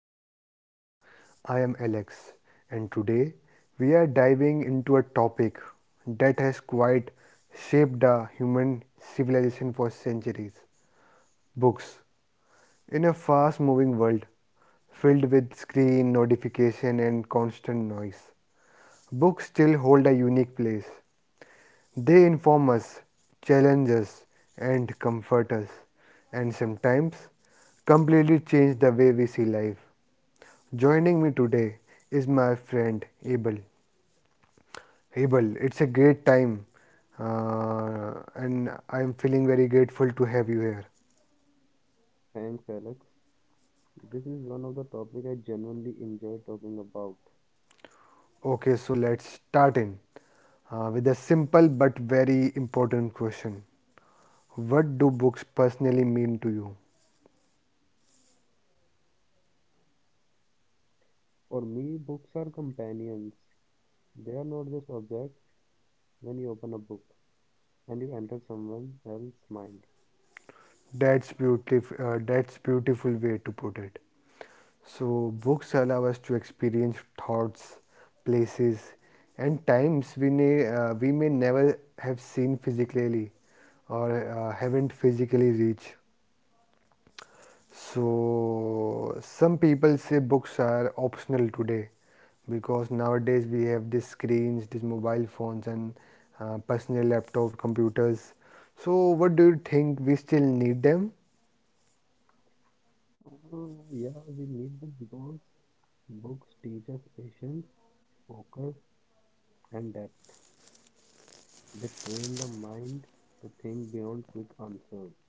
our podcast. I am Alex and today we are diving into a topic that has quite shaped the human civilization for centuries. Books. In a fast moving world filled with screen notification and constant noise, books still hold a unique place. They inform us, challenge us, and comfort us, and sometimes completely change the way we see life. Joining me today is my friend Abel. Abel, it's a great time, and I'm feeling very grateful to have you here. Thanks, Alex. This is one of the topic I genuinely enjoy talking about. Okay, so let's start in, with a simple but very important question. What do books personally mean to you? For me, books are companions. They are not just objects. When you open a book and you enter someone else's mind, That's beautiful. That's beautiful way to put it. So books allow us to experience thoughts, places, and times we may never have seen physically, or haven't physically reached. So some people say books are optional today, because nowadays we have these screens, these mobile phones, and personal laptop computers. So what do you think? We still need them? Yeah, we need them because books teach us patience, focus, and depth. They train the mind to think beyond quick answers.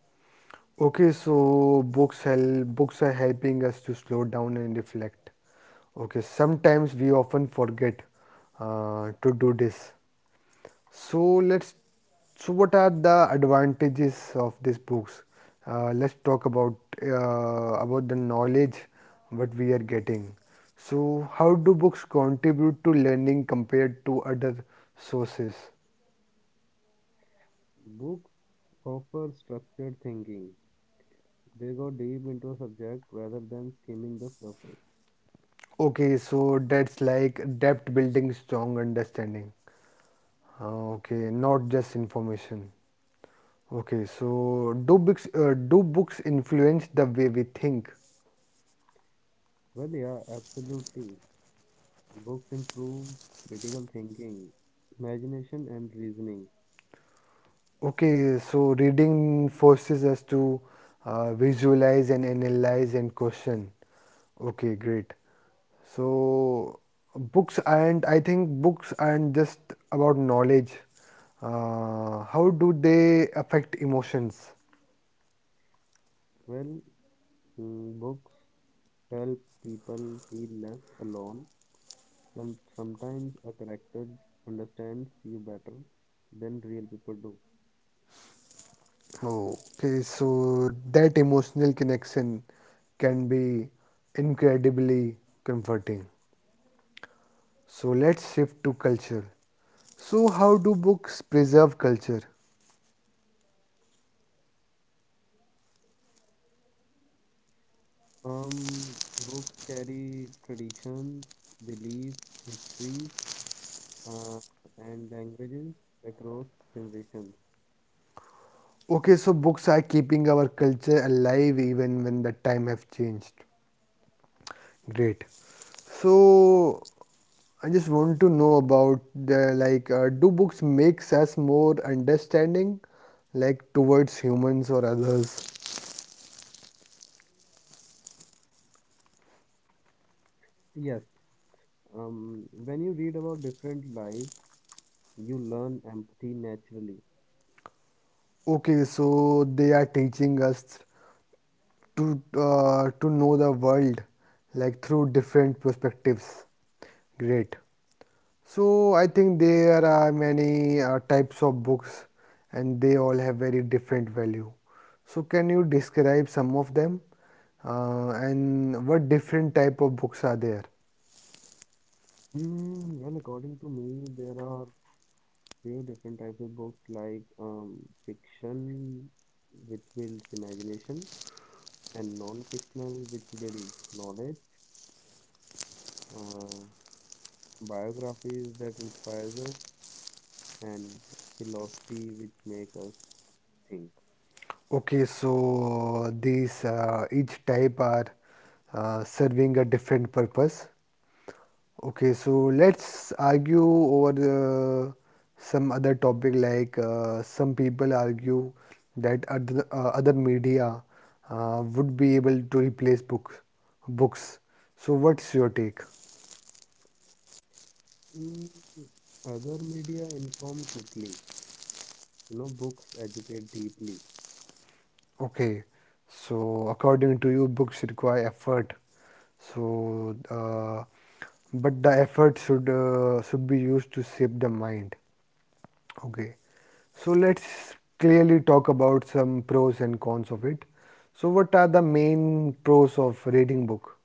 Okay, so books are helping us to slow down and reflect. Okay, sometimes we often forget to do this. So let's. So what are the advantages of these books? Let's talk about the knowledge what we are getting. So how do books contribute to learning compared to other sources? Books offer structured thinking. They go deep into a subject rather than skimming the surface. Okay, so that's like depth building, strong understanding. Okay, not just information. Okay, so do books influence the way we think? Well, yeah, absolutely. Books improves critical thinking, imagination, and reasoning. Okay, so reading forces us to visualize and analyze and question. Okay, great. So books aren't I think books aren't just about knowledge. How do they affect emotions? Well, books help people feel less alone, and sometimes a character understands you better than real people do. Okay, so that emotional connection can be incredibly comforting. So let's shift to culture. So, how do books preserve culture? Books carry traditions, beliefs, histories, uh, and languages across generations. Okay, so books are keeping our culture alive even when the time have changed. Great. So, I just want to know about the like, do books makes us more understanding, like towards humans or others? Yes, when you read about different lives, you learn empathy naturally. Okay, so they are teaching us to know the world like through different perspectives. Great. So I think there are many types of books, and they all have very different value. So can you describe some of them, and what different type of books are there? Hmm, well, according to me, there are few different types of books like fiction, which builds imagination, and non-fictional, which builds knowledge, uh, biographies that inspires us, and philosophy, which make us think. Okay, so these each type are serving a different purpose. Okay, so let's argue over some other topic like some people argue that other, other media would be able to replace books. So, what's your take? Mm, other media inform quickly. You know, books educate deeply. Okay, so according to you, books require effort. So, but the effort should be used to shape the mind. Okay. So let's clearly talk about some pros and cons of it. So what are the main pros of reading book?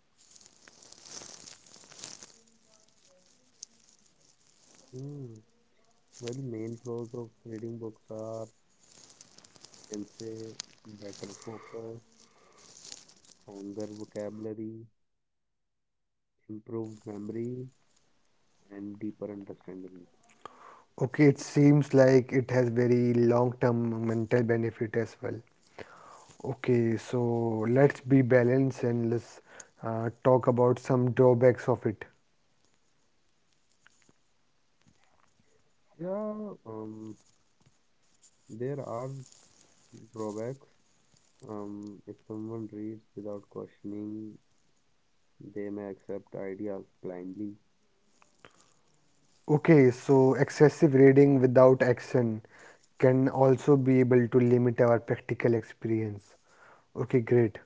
Hmm. Well, main pros of reading books are can say better focus, stronger vocabulary, improved memory, and deeper understanding. Okay, it seems like it has very long-term mental benefit as well. Okay, so let's be balanced and let's talk about some drawbacks of it. Yeah, there are drawbacks. If someone reads without questioning, they may accept ideas blindly. Okay, so excessive reading without action can also be able to limit our practical experience. Okay, great.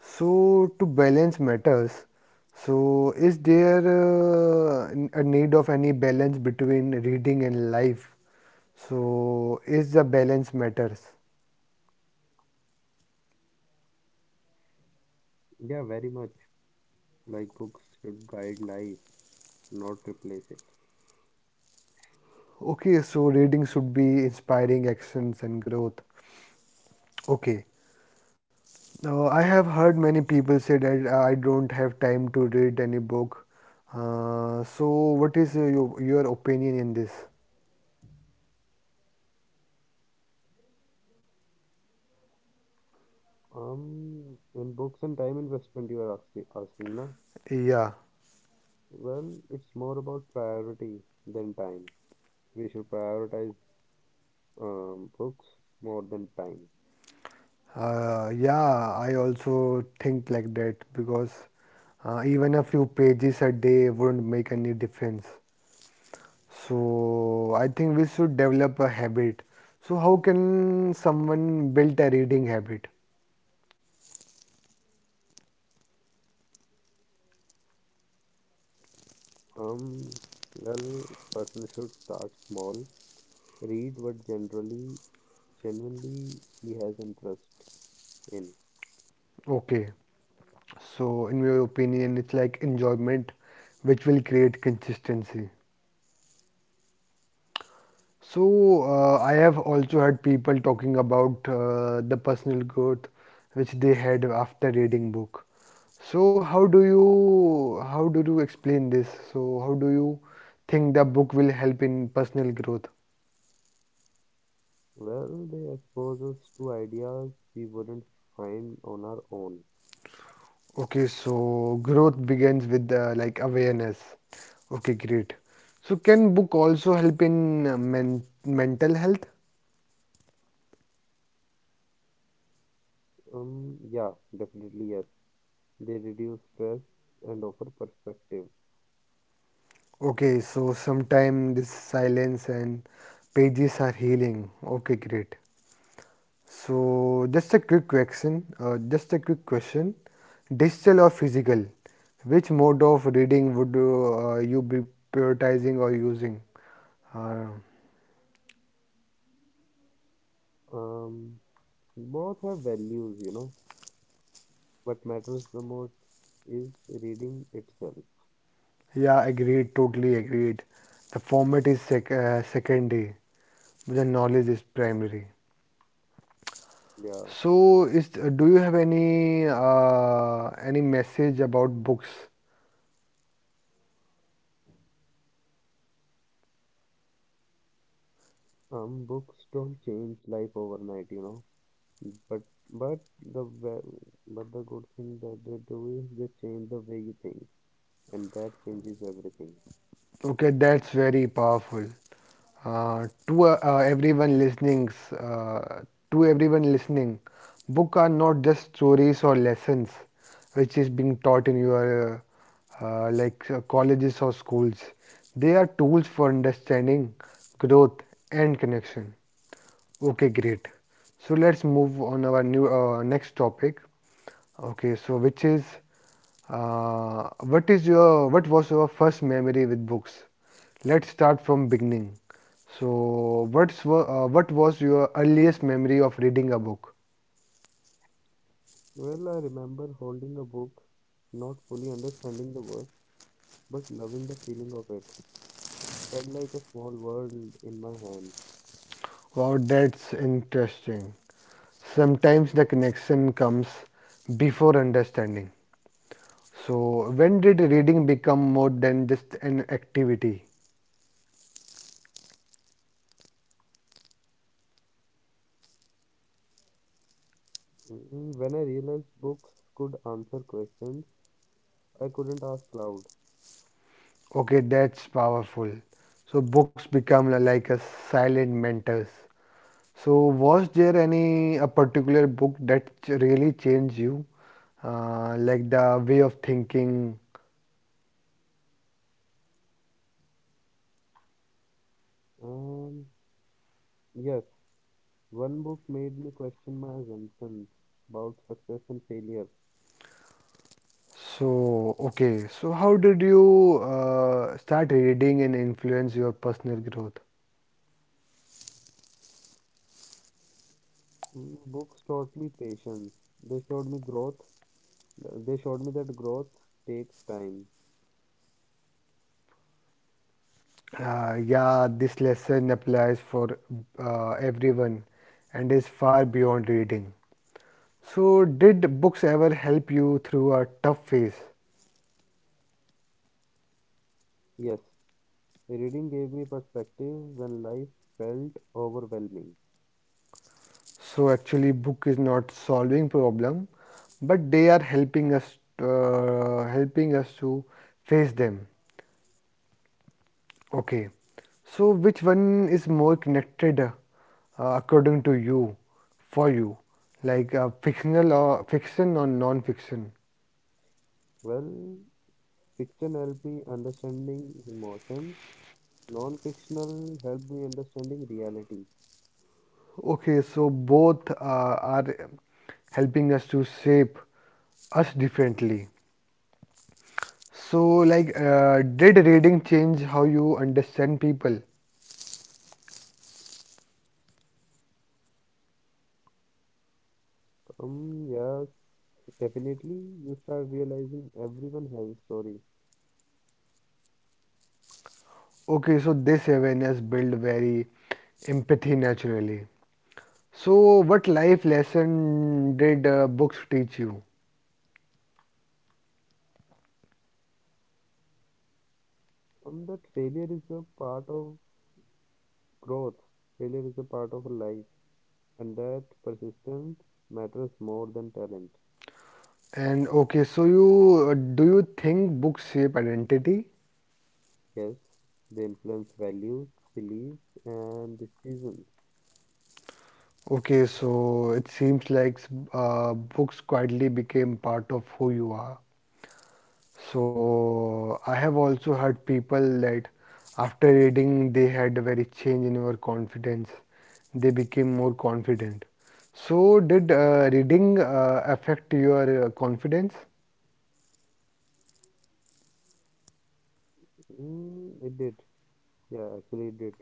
So, to balance matters, so is there a need of any balance between reading and life? So, is the balance matters? Yeah, very much. Like books should guide life, not replace it. Okay, so reading should be inspiring actions and growth. Okay. No, I have heard many people say that I don't have time to read any book. So, what is your opinion in this? In books and time investment, you are asking, asking, na? Yeah, Well, it's more about priority than time. We should prioritize books more than time. Yeah, I also think like that because even a few pages a day wouldn't make any difference. So, I think we should develop a habit. So, how can someone build a reading habit? Um, well, person should start small, read what genuinely he has interest in. Okay. So, in my opinion, it's like enjoyment which will create consistency. So, I have also heard people talking about the personal growth which they had after reading book. So, how do you explain this? So, how do you think the book will help in personal growth? Well, they expose us to ideas we wouldn't find on our own. Okay, so growth begins with like awareness. Okay, great. So, can book also help in mental health? Yeah, definitely yes. They reduce stress and offer perspective. Okay, so sometime this silence and pages are healing. Okay, great. So just a quick question, Digital or physical? Which mode of reading would you be prioritizing or using? Uh, Um, Both have values, you know. What matters the most is reading itself. yeah, agreed. Totally agreed. The format is secondary, but the knowledge is primary. Yeah. So, is do you have any message about books? Books don't change life overnight, you know. But but the ve- but the good thing that they do is they change the way you think, and that changes everything. Okay, that's very powerful. Uh, to uh, uh, everyone listening, uh, to everyone listening, book are not just stories or lessons, which is being taught in your colleges or schools. They are tools for understanding, growth, and connection. Okay, great. So let's move on our new next topic. Okay, so which is uh, what is your what was your first memory with books? Let's start from beginning. So what's what was your earliest memory of reading a book? Well, I remember holding a book, not fully understanding the words, but loving the feeling of it. It felt like a small world in my hands. Wow, that's interesting. Sometimes the connection comes before understanding. So when did reading become more than just an activity? Mm, when I realized books could answer questions I couldn't ask loud. Okay, that's powerful. So books become like a silent mentors. So was there any a particular book that really changed you, like the way of thinking? Um, yes, one book made me question my assumptions about success and failure. Okay, so how did you start reading and influence your personal growth? Mm, books taught me patience. They showed me growth. They showed me that growth takes time. Yeah, this lesson applies for everyone and is far beyond reading. So, did books ever help you through a tough phase? Yes, reading gave me perspective when life felt overwhelming. So actually book is not solving problem but they are helping us to face them. Okay, so which one is more connected, according to you, for you, like, fiction or non fiction? Well, fiction helped me understanding emotions. Non-fictional helped me understanding reality. Okay, so both are helping us to shape us differently. So like, did reading change how you understand people? Yes, definitely you start realizing everyone has a story. Okay, so this awareness build very empathy naturally. So, what life lesson did books teach you? That Growth, failure is a part of life, and that persistence matters more than talent. And okay, so you do you think books shape identity? Yes, they influence values, beliefs, and decisions. Okay, so it seems like books quietly became part of who you are. So I have also heard people that after reading they had a very change in their confidence. They became more confident. So did reading affect your confidence? Mm, it did. Yeah, actually, it did.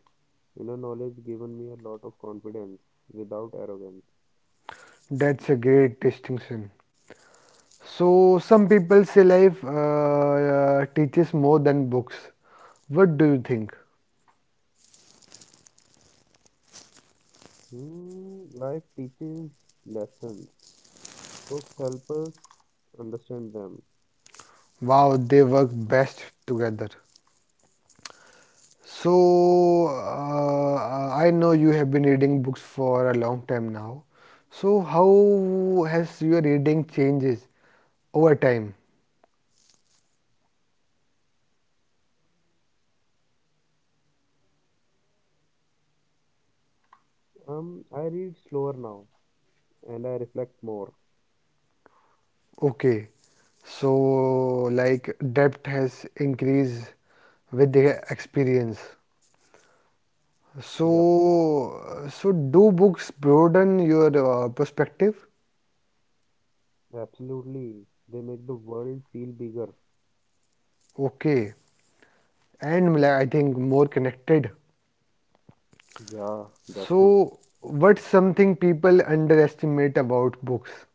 Inner knowledge given me a lot of confidence without arrogance. That's a great distinction. So some people say life teaches more than books. What do you think? Mm, life teaches lessons. Books help us understand them. Wow, they work best together. So, I know you have been reading books for a long time now. So, how has your reading changes over time? I read slower now and I reflect more. Okay. So, like depth has increased with the experience. Yep, So, do books broaden your perspective? absolutely. They make the world feel bigger. Okay. And like, I think more connected. Yeah, that too. So, what's something people underestimate about books?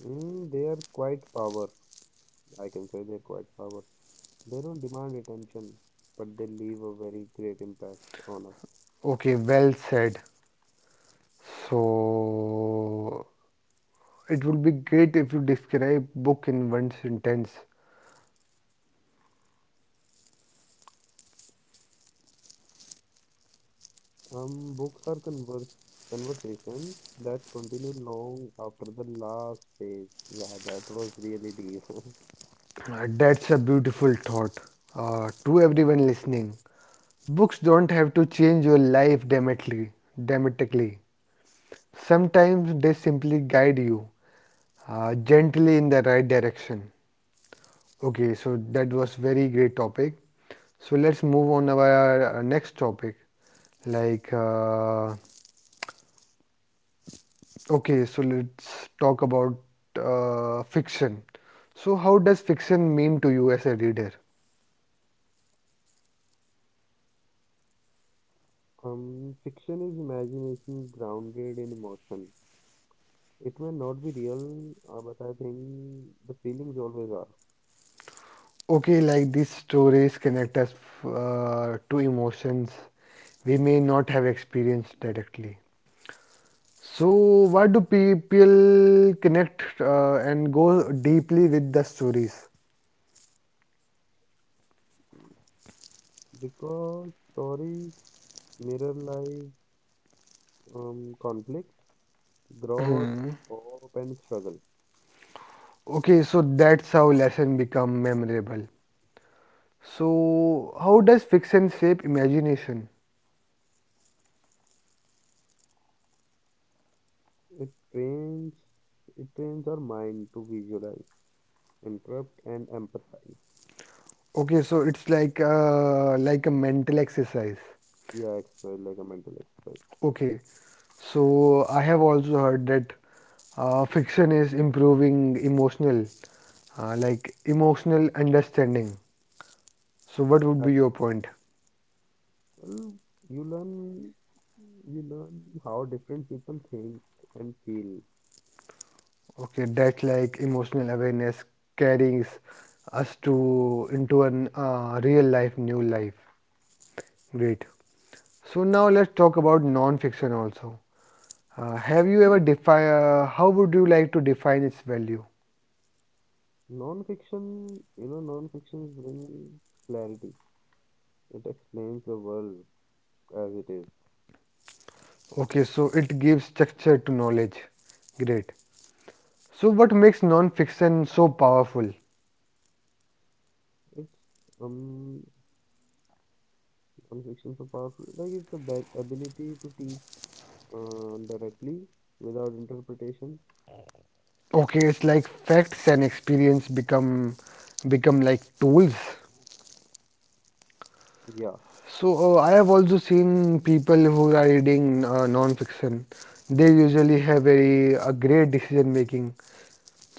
Mm, they are quite power. I can say they're quite power. They don't demand attention, but they leave a very great impact on us. Okay, well said. So it would be great if you describe book in one sentence. Books are converse conversations that continue long after the last page. Yeah, that was really deep. That's a beautiful thought. To everyone listening, books don't have to change your life dramatically. Dramatically, sometimes they simply guide you gently in the right direction. Okay, so that was very great topic. So let's move on to our next topic, like. Uh, Okay, so let's talk about fiction. So, how does fiction mean to you as a reader? Fiction is imagination grounded in emotion. It may not be real, but I think the feelings always are Okay, like these stories connect us to emotions we may not have experienced directly. So, why do people connect and go deeply with the stories? because stories mirror life conflict, growth, Hmm. hope, and struggle. Okay, so that's how lessons become memorable. So, how does fiction shape imagination? It trains it trains our mind to visualize, interrupt, and empathize. Okay, so it's like a mental exercise. Yeah, exercise like a mental exercise. Okay, so I have also heard that fiction is improving emotional, like emotional understanding. So what would Uh, be your point? Well, you learn you learn how different people think and feel. Okay, that like emotional awareness carries us to into an real life, new life. Great. So now let's talk about non-fiction also. Have you ever define? How would you like to define its value? Non-fiction, you know, non-fiction brings clarity. It explains the world as it is. Okay, so it gives structure to knowledge. Great. So what makes non-fiction so powerful? It's non-fiction so powerful, like it's the ability to teach directly without interpretation? Okay, it's like facts and experience become like tools. Yeah, So I have also seen people who are reading non-fiction. They usually have very a great decision making.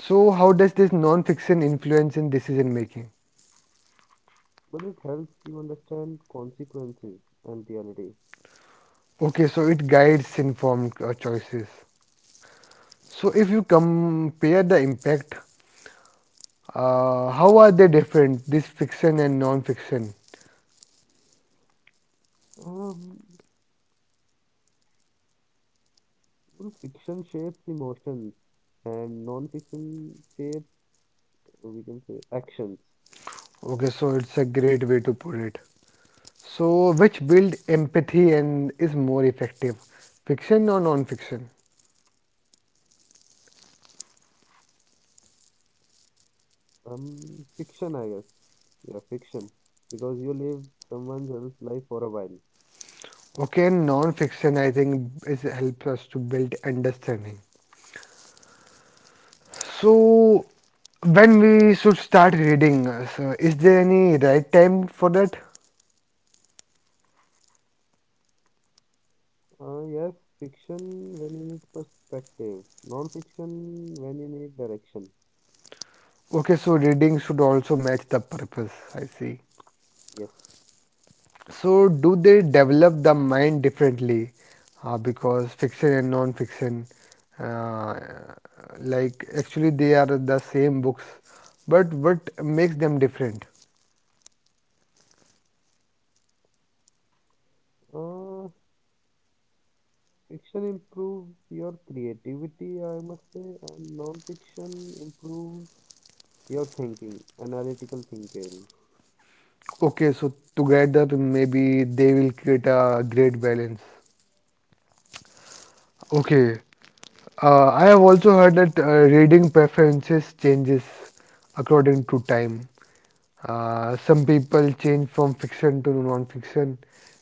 So how does this non-fiction influence in decision making? but it helps you understand consequences and reality. Okay, so it guides informed choices. So if you compare the impact, how are they different? This fiction and non-fiction. Um, well, fiction shapes emotions and non-fiction shapes, we can say, actions. Okay, so it's a great way to put it. So which build empathy and is more effective, fiction or non-fiction? Fiction, I guess. Yeah, fiction. Because you live someone else's life for a while. Okay, and non-fiction, I think, is helps us to build understanding. So, when we should start reading, so is there any right time for that? Yes, fiction when you need perspective, non-fiction when you need direction. Okay, so reading should also match the purpose. I see. Yes. So, do they develop the mind differently? Because fiction and non-fiction, uh, like actually, they are the same books, but what makes them different? Uh, Fiction improves your creativity, I must say, and non-fiction improves your thinking, analytical thinking. Okay, so together maybe they will create a great balance. Okay, I have also heard that reading preferences changes according to time. Some people change from fiction to non-fiction,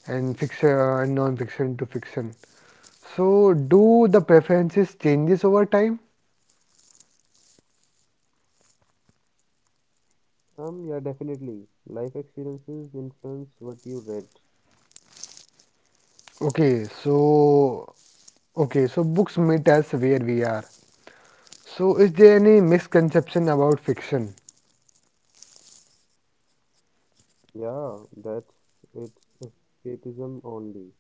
and fiction and non-fiction to fiction. So, do the preferences changes over time? Yeah, definitely. Life experiences influence what you read. Okay, so okay, so books meet us where we are. So, is there any misconception about fiction? Yeah, that's it's escapism only.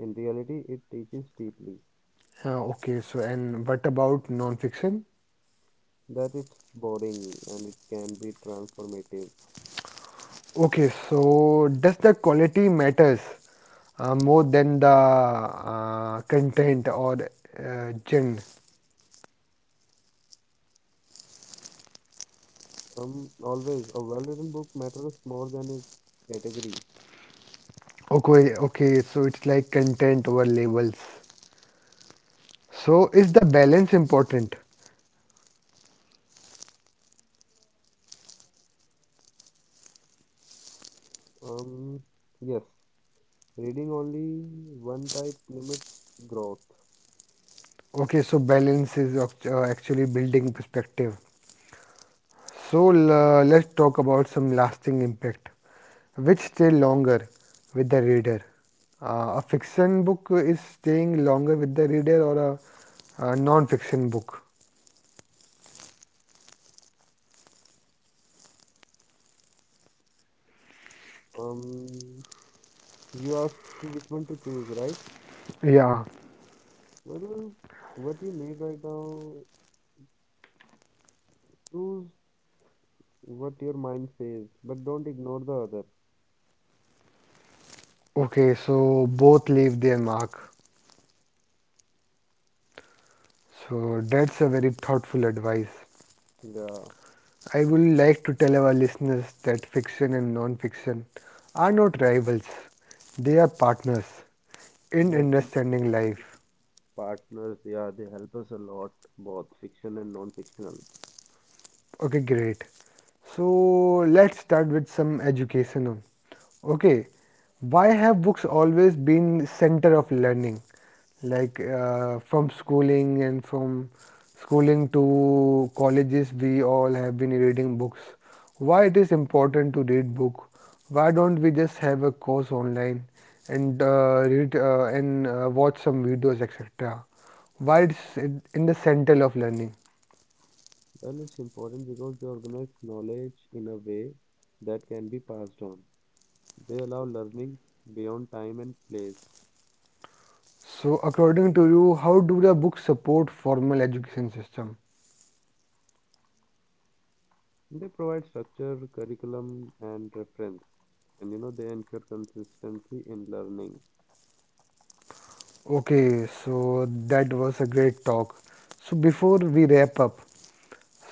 In reality, it teaches deeply Okay, so and what about non-fiction? that it's boring and it can be transformative. Okay, so does the quality matters more than the content or genre? Always a well-written book matters more than its category. Okay, so it's like content over labels. So is the balance important? Um, yes. Reading only one type limits growth. Okay, so balance is actually building perspective. So let's talk about some lasting impact. Which stay longer with the reader? A fiction book is staying longer with the reader or a non-fiction book? Um, you asked to which one to choose, right? Yeah. Well, what you need right now, choose what your mind says, but don't ignore the other. Okay, so both leave their mark. So that's a very thoughtful advice. Yeah, I would like to tell our listeners that fiction and non-fiction are not rivals. They are partners in yeah, actually, understanding life. partners, yeah, they help us a lot, both fiction and non-fictional. Okay, great. So let's start with some educational. Okay, why have books always been center of learning? Like, from schooling and from schooling to colleges, we all have been reading books. Why it is important to read book? Why don't we just have a course online and read and watch some videos, etc. Why it's in the center of learning? Well, it's important because they organize knowledge in a way that can be passed on. They allow learning beyond time and place. So, according to you, how do the books support formal education system? They provide structure, curriculum, and reference, and you know they ensure consistency in learning. Okay, so that was a great talk. So, before we wrap up,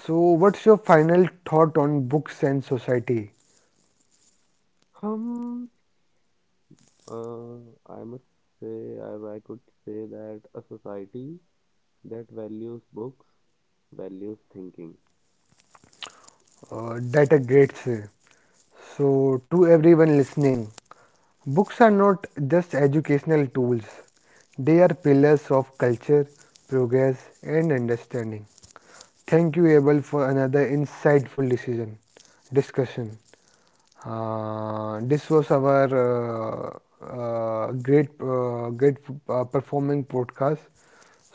so what's your final thought on books and society? Um, uh, I must say, I could say that a society that values books values thinking. Data grades. Say. So, to everyone listening, books are not just educational tools, they are pillars of culture, progress, and understanding. Thank you, Abel, for another insightful decision discussion. This was our great performing podcast.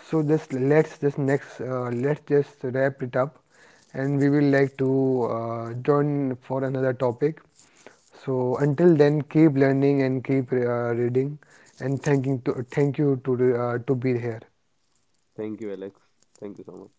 So just let's just next let's just wrap it up, and we will like to join for another topic. So until then, keep learning and keep reading, and thank you to be here. Thank you, Alex. Thank you so much.